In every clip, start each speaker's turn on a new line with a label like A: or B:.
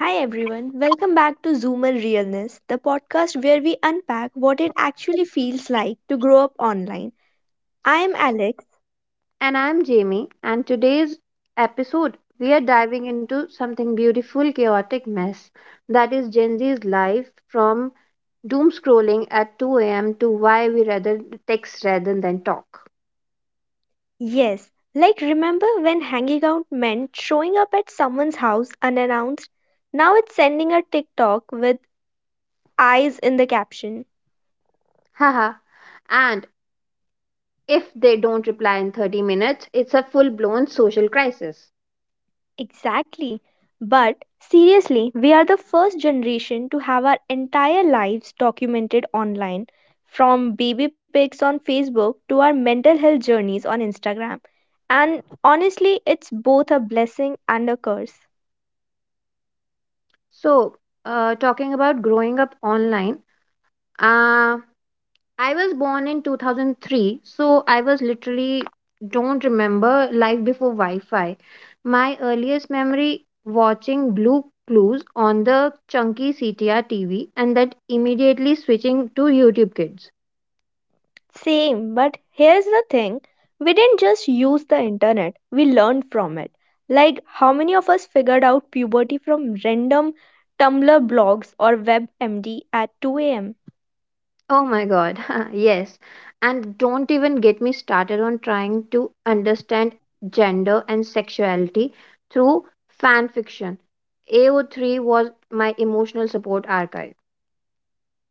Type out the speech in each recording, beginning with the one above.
A: Hi everyone, welcome back to Zoomer Realness, the podcast where we unpack what it actually feels like to grow up online. I am Alex.
B: And I'm Jamie, and today's episode we are diving into something beautiful, chaotic mess that is Gen Z's life from doom scrolling at 2 a.m. to why we rather text rather than talk.
A: Yes, like remember when hanging out meant showing up at someone's house unannounced? Now it's sending a TikTok with eyes in the caption.
B: Haha. And if they don't reply in 30 minutes, it's a full blown social crisis.
A: Exactly. But seriously, we are the first generation to have our entire lives documented online, from baby pics on Facebook to our mental health journeys on Instagram. And honestly, it's both a blessing and a curse.
B: So, talking about growing up online, uh, I was born in 2003, so I was literally don't remember life before Wi-Fi. My earliest memory watching Blue Clues on the chunky CTR TV and that immediately switching to YouTube Kids.
A: Same, but here's the thing, we didn't just use the internet, we learned from it. Like, how many of us figured out puberty from random Tumblr blogs or WebMD at 2 a.m.?
B: Oh my god. Yes. And don't even get me started on trying to understand gender and sexuality through fan fiction. AO3 was my emotional support archive.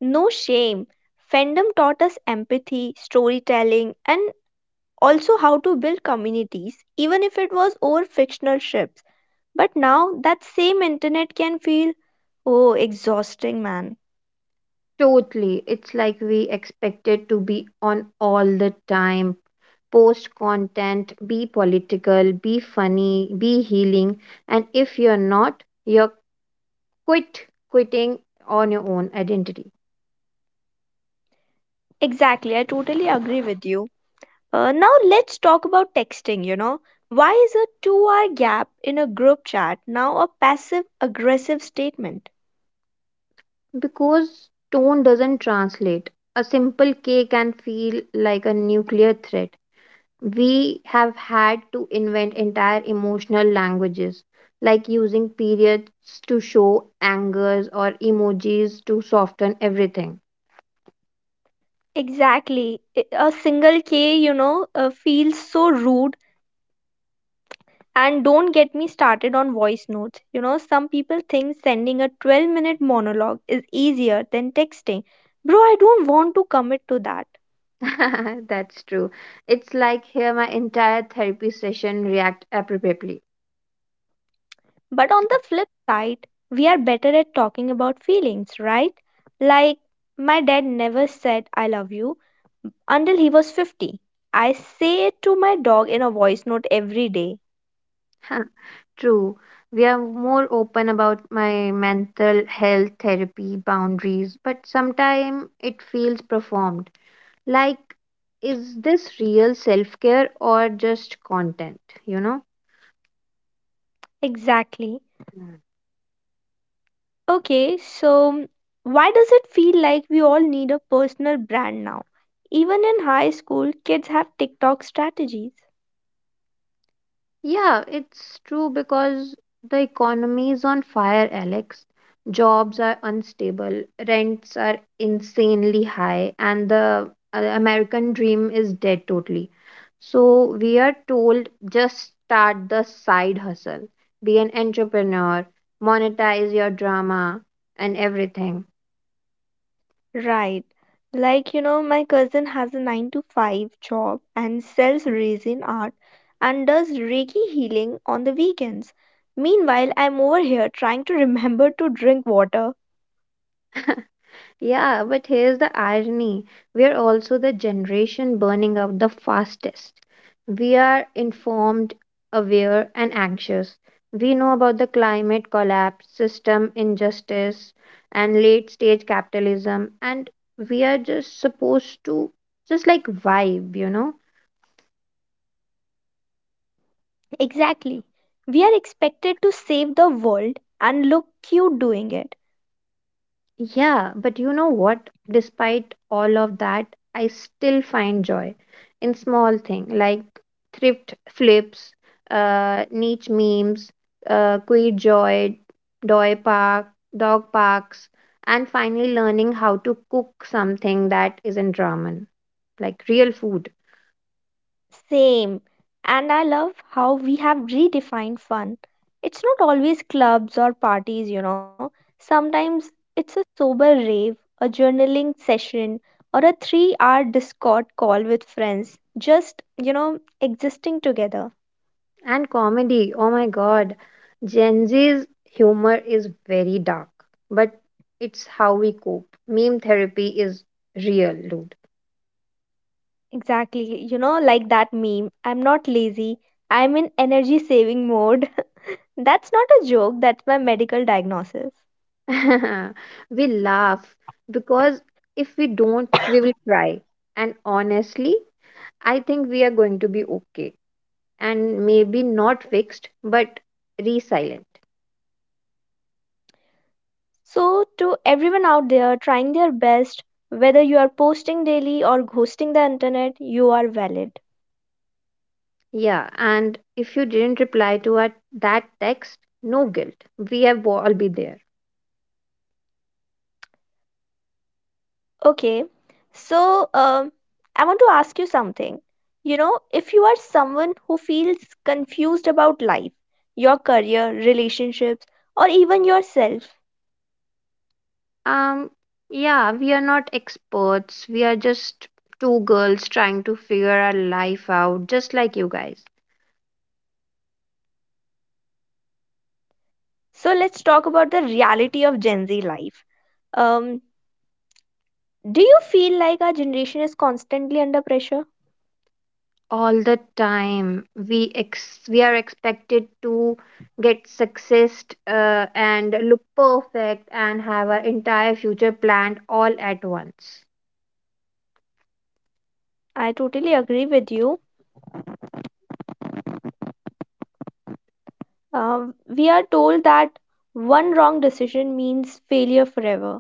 A: No shame. Fandom taught us empathy, storytelling, and also how to build communities, even if it was over fictional ships. But now that same internet can feel, oh, exhausting, man.
B: Totally. It's like we expected to be on all the time. Post content, be political, be funny, be healing. And if you're not, you're quit quitting on your own identity.
A: Exactly, I totally agree with you. Now let's talk about texting, you know. Why is a 2 hour gap in a group chat now a passive aggressive statement?
B: Because tone doesn't translate. A simple K can feel like a nuclear threat. We have had to invent entire emotional languages, like using periods to show angers or emojis to soften everything.
A: Exactly. A single K, you know, feels so rude. And don't get me started on voice notes. You know, some people think sending a 12-minute monologue is easier than texting. Bro, I don't want to commit to that.
B: That's true. It's like here my entire therapy session react appropriately.
A: But on the flip side, we are better at talking about feelings, right? Like, my dad never said I love you until he was 50. I say it to my dog in a voice note every day.
B: True. We are more open about my mental health therapy boundaries, but sometimes it feels performed. Like, is this real self care or just content? You know?
A: Exactly.
B: Mm.
A: Okay, so why does it feel like we all need a personal brand now? Even in high school, kids have TikTok strategies.
B: Yeah, it's true because the economy is on fire, Alex. Jobs are unstable, rents are insanely high, and the American dream is dead totally. So, we are told just start the side hustle, be an entrepreneur, monetize your drama, and everything.
A: Right. Like, you know, my cousin has a 9 to 5 job and sells resin art and does Reiki healing on the weekends. Meanwhile, I'm over here trying to remember to drink water.
B: Yeah, but here's the irony. We are also the generation burning out the fastest. We are informed, aware, and anxious. We know about the climate collapse, system injustice, and late stage capitalism, and we are just supposed to just like vibe?
A: Exactly. We are expected to save the world and look cute doing it.
B: Yeah, but you know what? Despite all of that, I still find joy in small things like thrift flips, niche memes, queer joy, doy park, dog parks, and finally learning how to cook something that isn't ramen, like real food
A: Same. And I love how we have redefined fun. It's not always clubs or parties, you know. Sometimes it's a sober rave, a journaling session, or a 3 hour Discord call with friends. Just, you know, existing together.
B: and comedy. Oh my God, Gen Z's humor is very dark, but it's how we cope. Meme therapy is real, dude.
A: Exactly. You know, like that meme, I'm not lazy, I'm in energy saving mode. That's not a joke, that's my medical diagnosis.
B: We laugh because if we don't, we will cry. And honestly, I think we are going to be okay and maybe not fixed, but resilient.
A: So, to everyone out there trying their best, whether you are posting daily or ghosting the internet, you are valid.
B: Yeah, and if you didn't reply to our, that text, no guilt. We have all be there.
A: Okay, so I want to ask you something. You know, if you are someone who feels confused about life, your career, relationships, or even yourself,
B: Um, yeah, we are not experts. We are just two girls trying to figure our life out, just like you guys.
A: so let's talk about the reality of Gen Z life. Um, do you feel like our generation is constantly under pressure?
B: All the time. We are expected to get success and look perfect and have our entire future planned all at once.
A: I totally agree with you. Uh, we are told that one wrong decision means failure forever.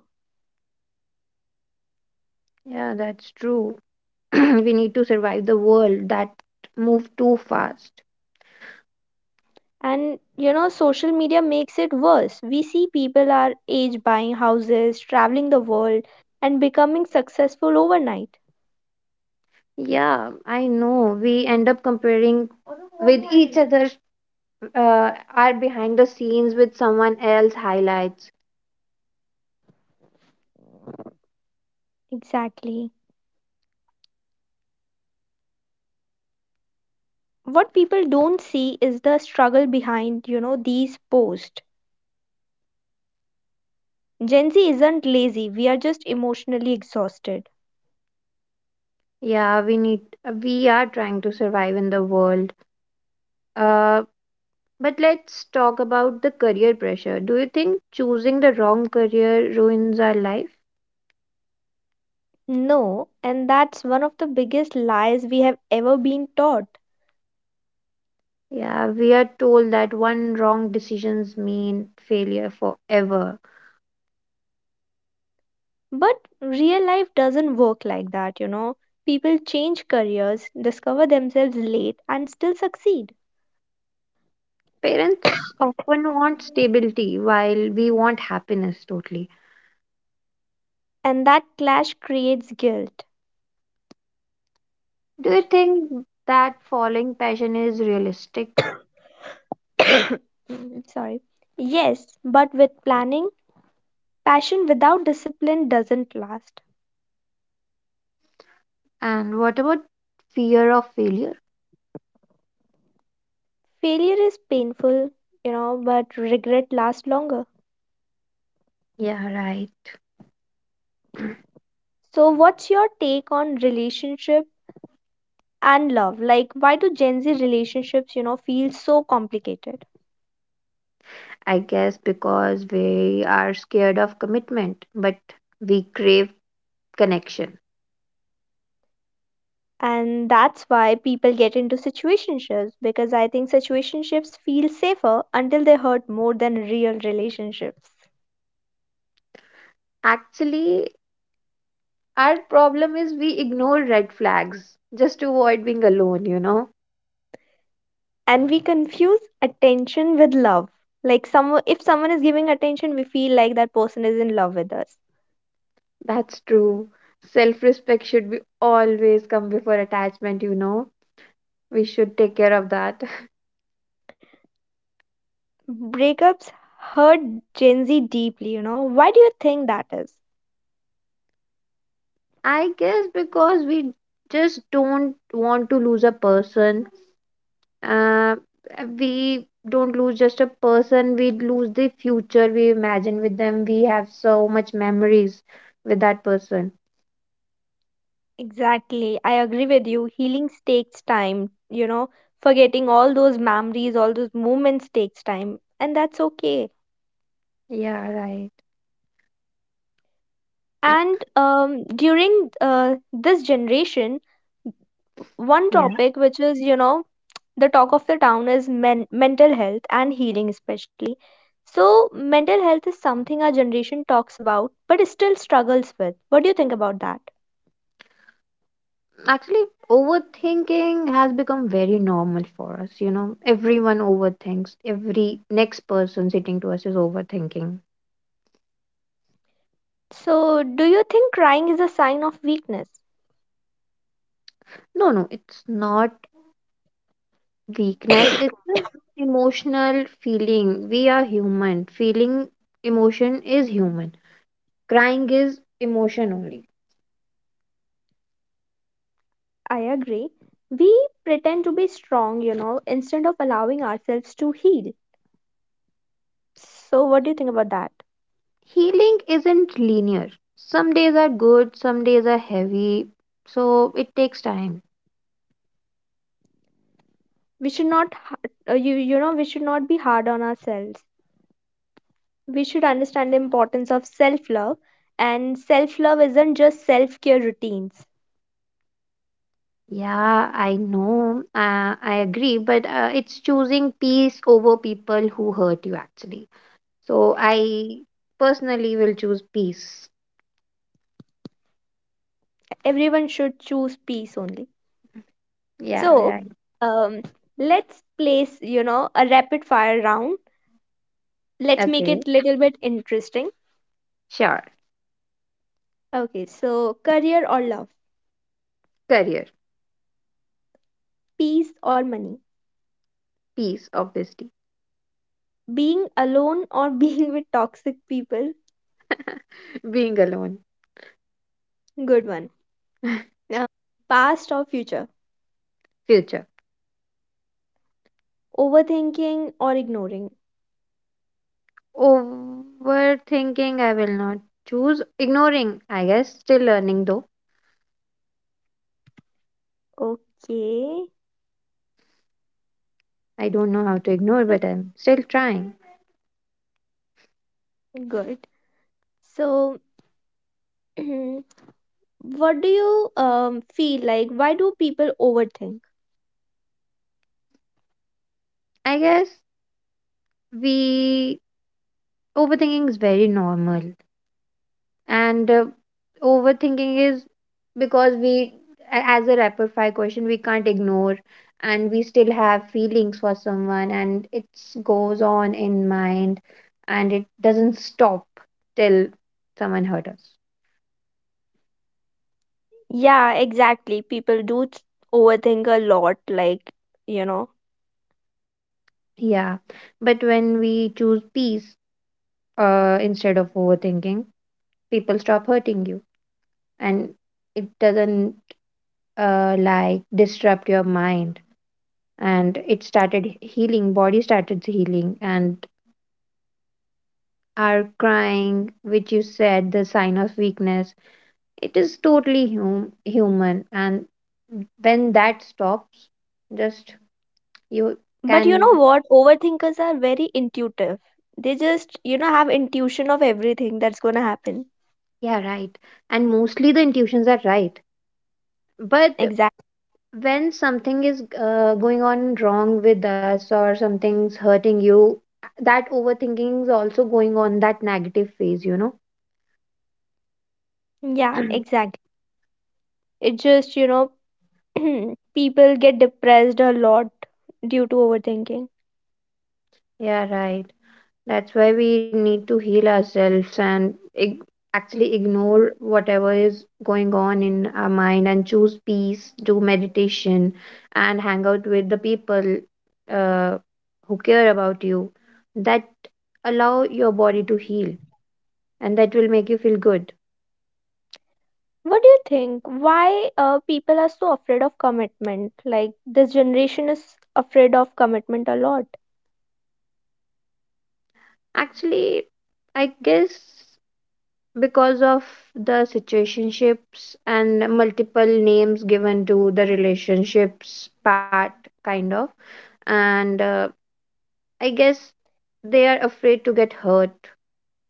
B: Yeah, that's true. We need to survive the world that move too fast.
A: And you know, social media makes it worse. We see people our age buying houses, traveling the world, and becoming successful overnight.
B: Yeah, I know. We end up comparing with each other are behind the scenes with someone else highlights.
A: Exactly. What people don't see is the struggle behind, you know, these posts. Gen Z isn't lazy, we are just emotionally exhausted.
B: Yeah, we are trying to survive in the world uh But let's talk about the career pressure. Do you think choosing the wrong career ruins our life?
A: No, and that's one of the biggest lies we have ever been taught.
B: Yeah, we are told that one wrong decisions mean failure forever.
A: But real life doesn't work like that, you know. People change careers, discover themselves late, and still succeed.
B: Parents often want stability while we want happiness totally.
A: And that clash creates guilt.
B: Do you think that following passion is realistic?
A: Mm, sorry. Yes, but with planning, passion without discipline doesn't last.
B: And what about fear of failure?
A: Failure is painful, you know, but regret lasts longer.
B: Yeah, right.
A: So, what's your take on relationship and love? Like, why do Gen Z relationships, you know, feel so complicated?
B: I guess because we are scared of commitment, but we crave connection.
A: And that's why people get into situationships, because I think situationships feel safer until they hurt more than real relationships.
B: Actually, our problem is we ignore red flags just to avoid being alone,
A: And we confuse attention with love. Like, if someone is giving attention, we feel like that person is in love with us.
B: That's true. Self respect should be always come before attachment. We should take care of that.
A: Breakups hurt Gen Z deeply, you know. Why do you think that is?
B: I guess because we just don't want to lose a person. Uh, we don't lose just a person, we lose the future we imagine with them. We have so much memories with that person.
A: Exactly, I agree with you. Healing takes time, you know. Forgetting all those memories, all those moments takes time, and that's okay.
B: Yeah, right.
A: And during this generation, one
B: Yes.
A: topic which is, you know, the talk of the town is mental health and healing especially. So mental health is something our generation talks about but still struggles with. What do you think about that?
B: Actually, overthinking has become very normal for us. You know, everyone overthinks. Every next person sitting to us is overthinking.
A: So do you think crying is a sign of weakness?
B: No, no, it's not weakness. It's an emotional feeling. We are human. Feeling emotion is human. Crying is emotion only.
A: I agree. We pretend to be strong, you know, instead of allowing ourselves to heal. So what do you think about that?
B: Healing isn't linear. Some days are good, some days are heavy. So it takes time.
A: We should not ha- you you know we should not be hard on ourselves. We should understand the importance of self love, and self love isn't just self care routines.
B: Yeah, I know. I agree, but it's choosing peace over people who hurt you, actually. So I personally will choose peace.
A: Everyone should choose peace only.
B: Yeah,
A: So
B: right.
A: um let's place, you know, a rapid fire round. Let's make
B: Okay,
A: it little bit interesting.
B: sure.
A: Okay, so career or love?
B: Career,
A: Peace or money?
B: peace, obviously.
A: Being alone or being with toxic people?
B: Being alone,
A: Good one. Uh, past or future?
B: future.
A: Overthinking or ignoring?
B: Overthinking, I will not choose. Ignoring, I guess. Still learning, though.
A: Okay,
B: I don't know how to ignore, but I'm still trying.
A: good. So, what do you feel like? Why do people overthink?
B: I guess we overthinking is very normal and overthinking is because as a rapid fire question we can't ignore and we still have feelings for someone and it goes on in mind and it doesn't stop till someone hurt us.
A: Yeah, exactly. People do overthink a lot, like, you know.
B: Yeah, but when we choose peace, instead of overthinking, people stop hurting you and it doesn't like disrupt your mind and it started healing, body started healing, and are crying, which you said, the sign of weakness. It is totally human. And when that stops, just you
A: But you know
B: can,
A: what? Overthinkers are very intuitive. They just, you know, have intuition of everything that's gonna happen.
B: yeah, right. And mostly the intuitions are right. But
A: Exactly.
B: when something is going on wrong with us or something's hurting you, that overthinking is also going on that negative phase.
A: Yeah, exactly. It just, you know, people get depressed a lot due to overthinking.
B: Yeah, right. That's why we need to heal ourselves and actually ignore whatever is going on in our mind and choose peace, do meditation, and hang out with the people uh, who care about you. That allow your body to heal and that will make you feel good.
A: What do you think? Why people are so afraid of commitment? Like this generation is afraid of commitment a lot.
B: Actually, I guess because of the situationships and multiple names given to the relationships part kind of and I guess they are afraid to get hurt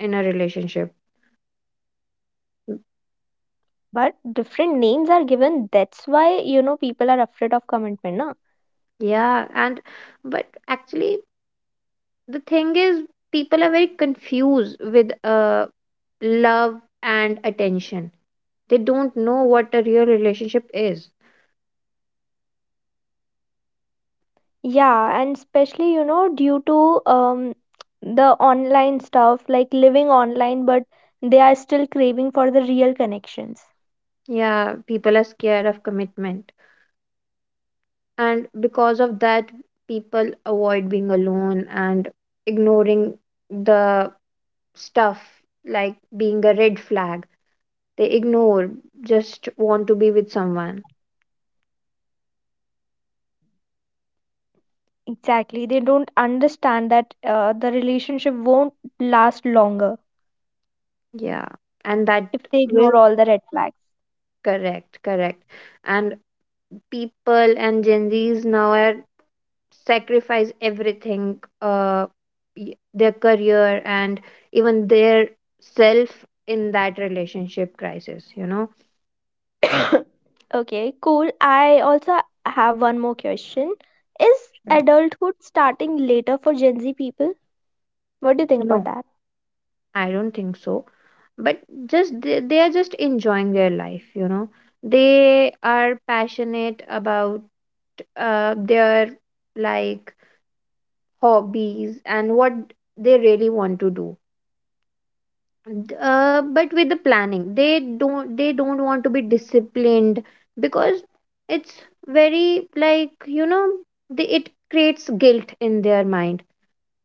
B: in a relationship. Mm,
A: But different names are given. That's why, you know, people are afraid of commitment, na?
B: yeah, and but actually the thing is people are very confused with love and attention, they don't know what a real relationship is.
A: Yeah, and especially, you know, due to the online stuff, like living online, but they are still craving for the real connections.
B: Yeah, people are scared of commitment, and because of that people avoid being alone and ignoring the stuff like being a red flag, they ignore, just want to be with someone.
A: Exactly, they don't understand that the relationship won't last longer
B: Yeah, and that
A: if they ignore
B: will
A: all the red flags.
B: correct correct and people and gen z's now are sacrifice everything uh their career and even their self in that relationship crisis.
A: Okay, cool. I also have one more question. Is
B: Yeah.
A: adulthood starting later for Gen Z people? What do you think about
B: No,
A: that?
B: I don't think so. But just they are just enjoying their life, you know. They are passionate about their like hobbies and what they really want to do. But with the planning, they don't want to be disciplined because it's very like you know it creates guilt in their mind.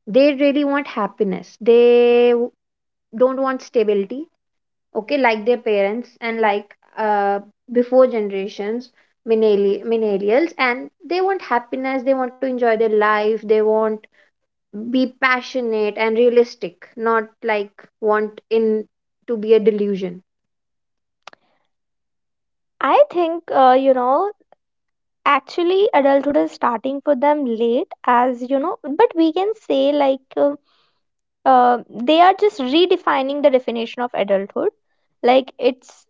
B: They really want happiness. Don't want stability okay like their parents and like uh, before generations millennials and they want happiness, they want to enjoy their life, they want be passionate and realistic, not like want in to be a delusion.
A: I think, you know, actually adulthood is starting for them late, as you know, but we can say like uh, they are just redefining the definition of adulthood. Like, it's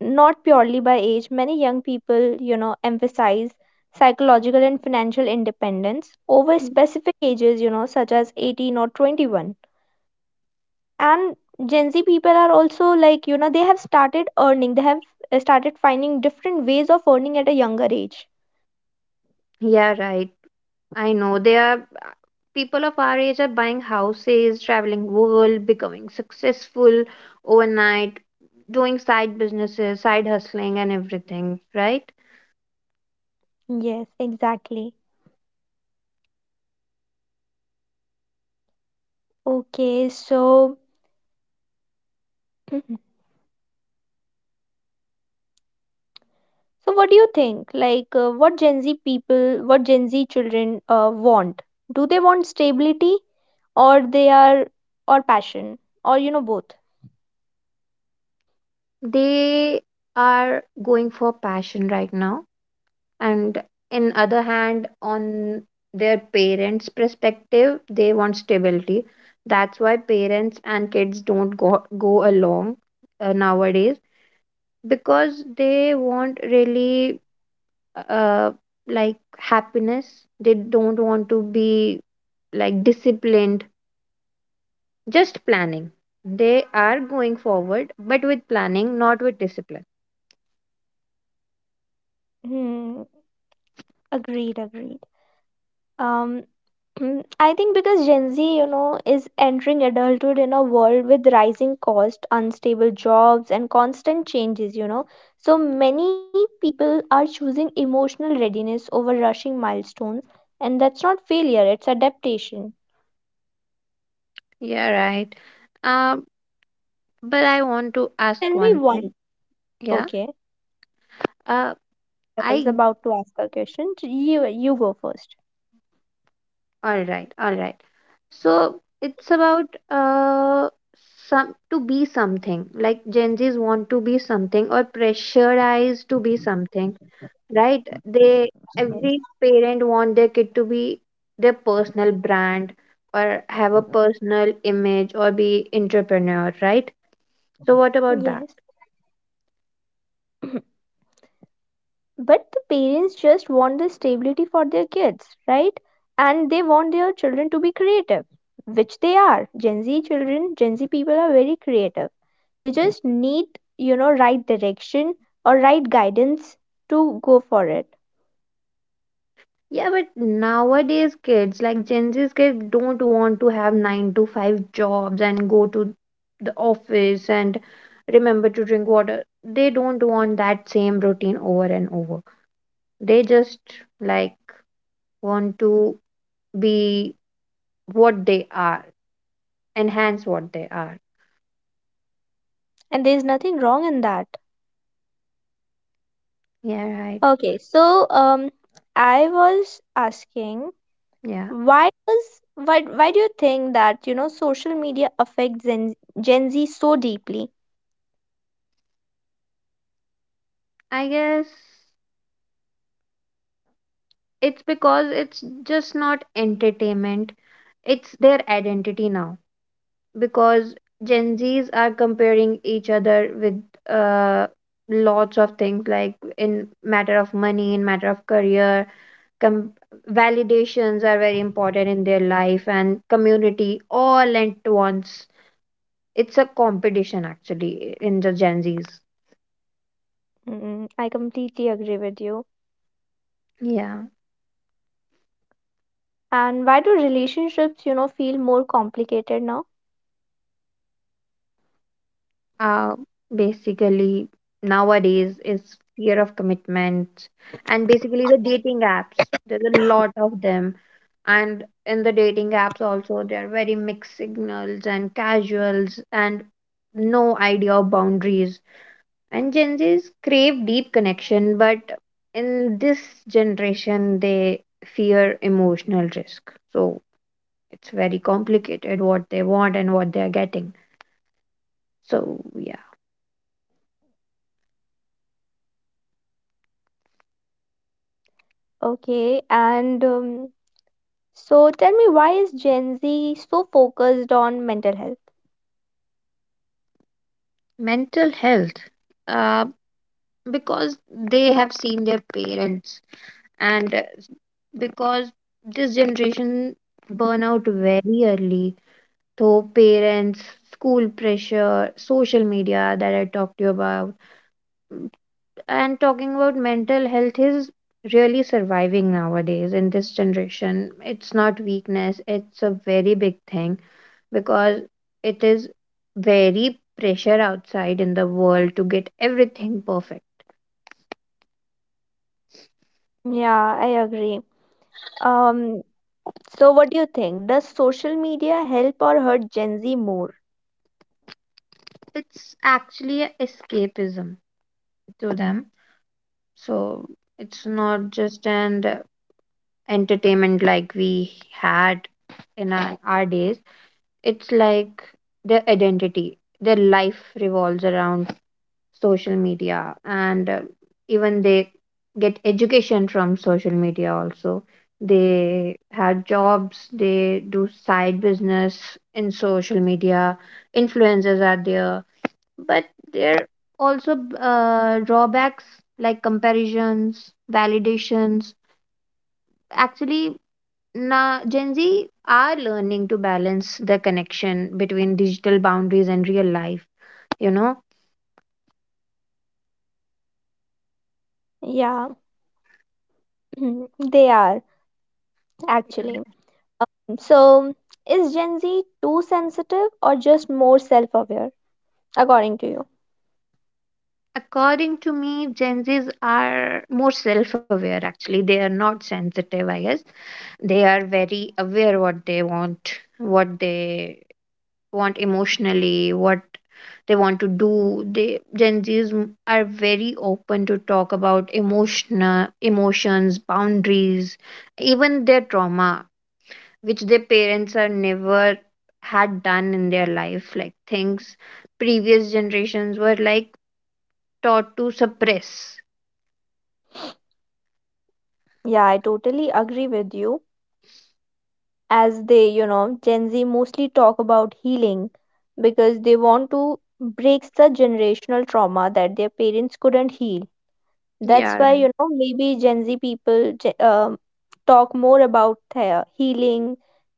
A: not purely by age. Many young people, you know, emphasize psychological and financial independence over specific ages, you know, such as 18 or 21. And Gen Z people are also, like, you know, they have started earning. They have, started finding different ways of earning at a younger age.
B: Yeah, right, I know they are people of our age are buying houses, traveling world, becoming successful overnight, doing side businesses, side hustling and everything, right.
A: Yes, exactly. Okay, so so what do you think, like, what Gen Z people, what Gen Z children want? Do they want stability, or they are, or passion, or, you know, both?
B: They are going for passion right now and in other hand on their parents perspective they want stability, that's why parents and kids don't go along nowadays because they want really uh, like happiness, they don't want to be like disciplined, just planning, they are going forward but with planning not with discipline.
A: Hmm, agreed, agreed. Um, I think because Gen Z, you know, is entering adulthood in a world with rising cost, unstable jobs, and constant changes, you know, so many people are choosing emotional readiness over rushing milestones. And that's not failure, it's adaptation.
B: Yeah, right. Um. But I want to ask
A: Tell me
B: one
A: one.
B: thing. Yeah.
A: Okay,
B: Uh,
A: I was
B: I
A: about to ask a question. You go first.
B: All right, all right. So it's about some to be something. Like Gen Zs want to be something or pressurized to be something, right? They
A: Yes,
B: every parent want their kid to be their personal brand or have a personal image or be entrepreneur, right? So what about that?
A: yes. But the parents just want the stability for their kids, right? And they want their children to be creative, which they are. Gen Z children, Gen Z people are very creative. They just need, you know, right direction or right guidance to go for it.
B: Yeah, but nowadays kids like Gen Z's kids don't want to have nine to five jobs and go to the office and remember to drink water. They don't want that same routine over and over. They just like want to be what they are, enhance what they are.
A: And there's nothing wrong in that.
B: Yeah, right.
A: Okay, so I was asking,
B: Yeah.
A: why does, why do you think that, you know, social media affects Gen, Gen Z so deeply?
B: I guess it's because it's just not entertainment. It's their identity now because Gen Zs are comparing each other with uh, lots of things like in matter of money, in matter of career, com- validations are very important in their life and community all at once. It's a competition actually in the Gen Zs.
A: Mm, I completely agree with you.
B: Yeah.
A: And why do relationships, you know, feel more complicated now?
B: Uh, basically nowadays is fear of commitment and basically the dating apps. There's a lot of them and in the dating apps also there are very mixed signals and casuals and no idea of boundaries and gen z's crave deep connection but in this generation they fear emotional risk, so it's very complicated what they want and what they are getting, so yeah.
A: Okay, and so tell me, why is Gen Z so focused on mental health?
B: Mental health uh, because they have seen their parents and because this generation burn out very early though parents school pressure social media that I talked to you about. Mm, and talking about mental health is really surviving nowadays in this generation, it's not weakness, it's a very big thing because it is very pressure outside in the world to get everything perfect.
A: Yeah, I agree. Um, so what do you think? Does social media help or hurt Gen Z more?
B: It's actually a escapism to them. So it's not just an entertainment like we had in our days. It's like their identity. Their life revolves around social media, and even they get education from social media. Also, they have jobs. They do side business in social media. Influencers are there but there are also drawbacks like comparisons, validations. Actually, now Gen Z are learning to balance the connection between digital boundaries and real life. You know,
A: Yeah, they are, actually. So is Gen Z too sensitive or just more self-aware, according to you?
B: according to me, Gen Zs are more self-aware. Actually, they are not sensitive. I guess they are very aware what they want emotionally, what they want to do. They Gen Zs are very open to talk about emotional emotions, boundaries, even their trauma, which their parents are never had done in their life, like things previous generations were like taught to suppress.
A: Yeah, I totally agree with you. As they, you know, Gen Z mostly talk about healing because they want to break the generational trauma that their parents couldn't heal. That's
B: Yeah,
A: why,
B: right.
A: you know, maybe Gen Z people talk more about the healing,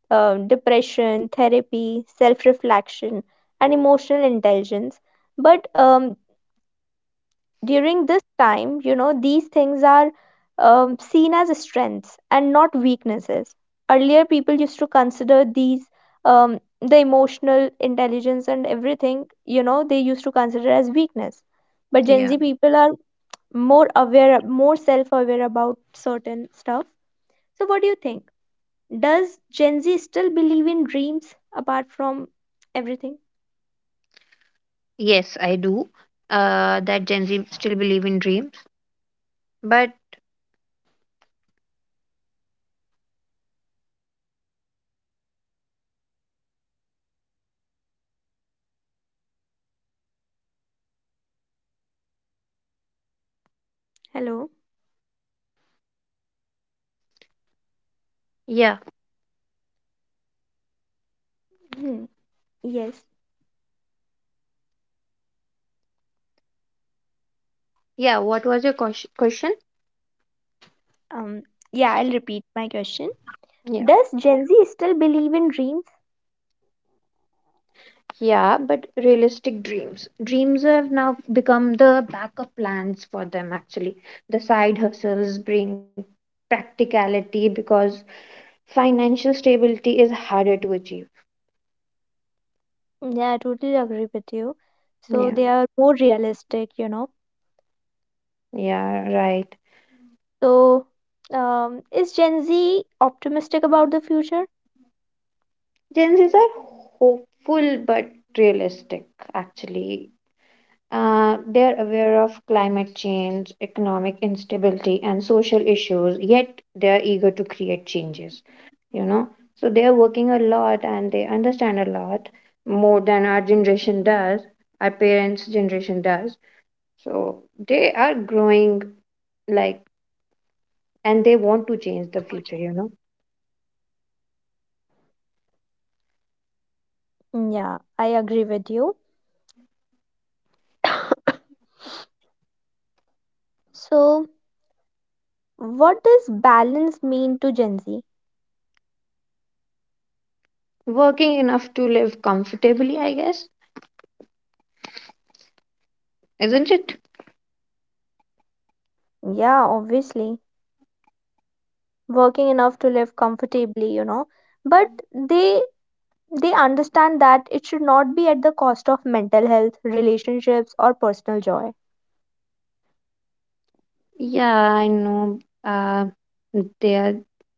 A: depression, therapy, self reflection, and emotional intelligence. But during this time, you know, these things are, seen as strengths and not weaknesses. Earlier, people used to consider these, the emotional intelligence and everything, you know, they used to consider as weakness. But Gen
B: Yeah.
A: Z people are more aware, more self aware about certain stuff. So, what do you think? Does Gen Z still believe in dreams apart from everything?
B: Yes, I do. That Gen Z still believe in dreams, but
A: Hello.
B: yeah,
A: Hmm. Yes.
B: yeah. What was your question?
A: Um, yeah, I'll repeat my question.
B: Yeah.
A: Does Gen Z still believe in dreams?
B: Yeah, but realistic dreams. Dreams have now become the backup plans for them, actually. The side hustles bring practicality because financial stability is harder to achieve.
A: Yeah, I totally agree with you. So
B: Yeah,
A: they are more realistic, you know.
B: yeah, right.
A: So, is Gen Z optimistic about the future?
B: Gen Zs are hopeful but realistic, actually. They're aware of climate change, economic instability, and social issues, yet they're eager to create changes, you know. So they're working a lot and they understand a lot more than our generation does, our parents' generation does. So they are growing like, and they want to change the future, you know.
A: Yeah, I agree with you. So, what does balance mean to Gen Z?
B: Working enough to live comfortably, I guess, isn't it?
A: Yeah, obviously, working enough to live comfortably, you know. But they they understand that it should not be at the cost of mental health, relationships, or personal joy.
B: Yeah, I know. They are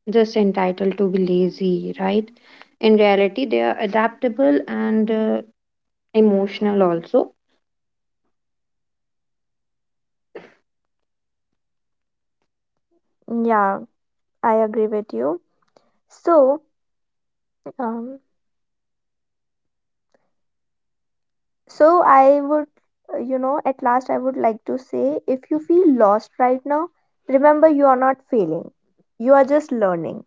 B: just entitled to be lazy, right? In reality, they are adaptable and emotional also.
A: Yeah, I agree with you. So, um, so I would, you know, at last I would like to say, if you feel lost right now, remember you are not failing. You are just learning.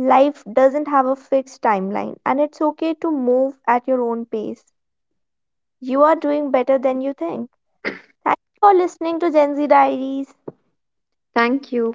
A: Life doesn't have a fixed timeline, and it's okay to move at your own pace. You are doing better than you think. Thank you for listening to Gen Z Diaries.
B: Thank you.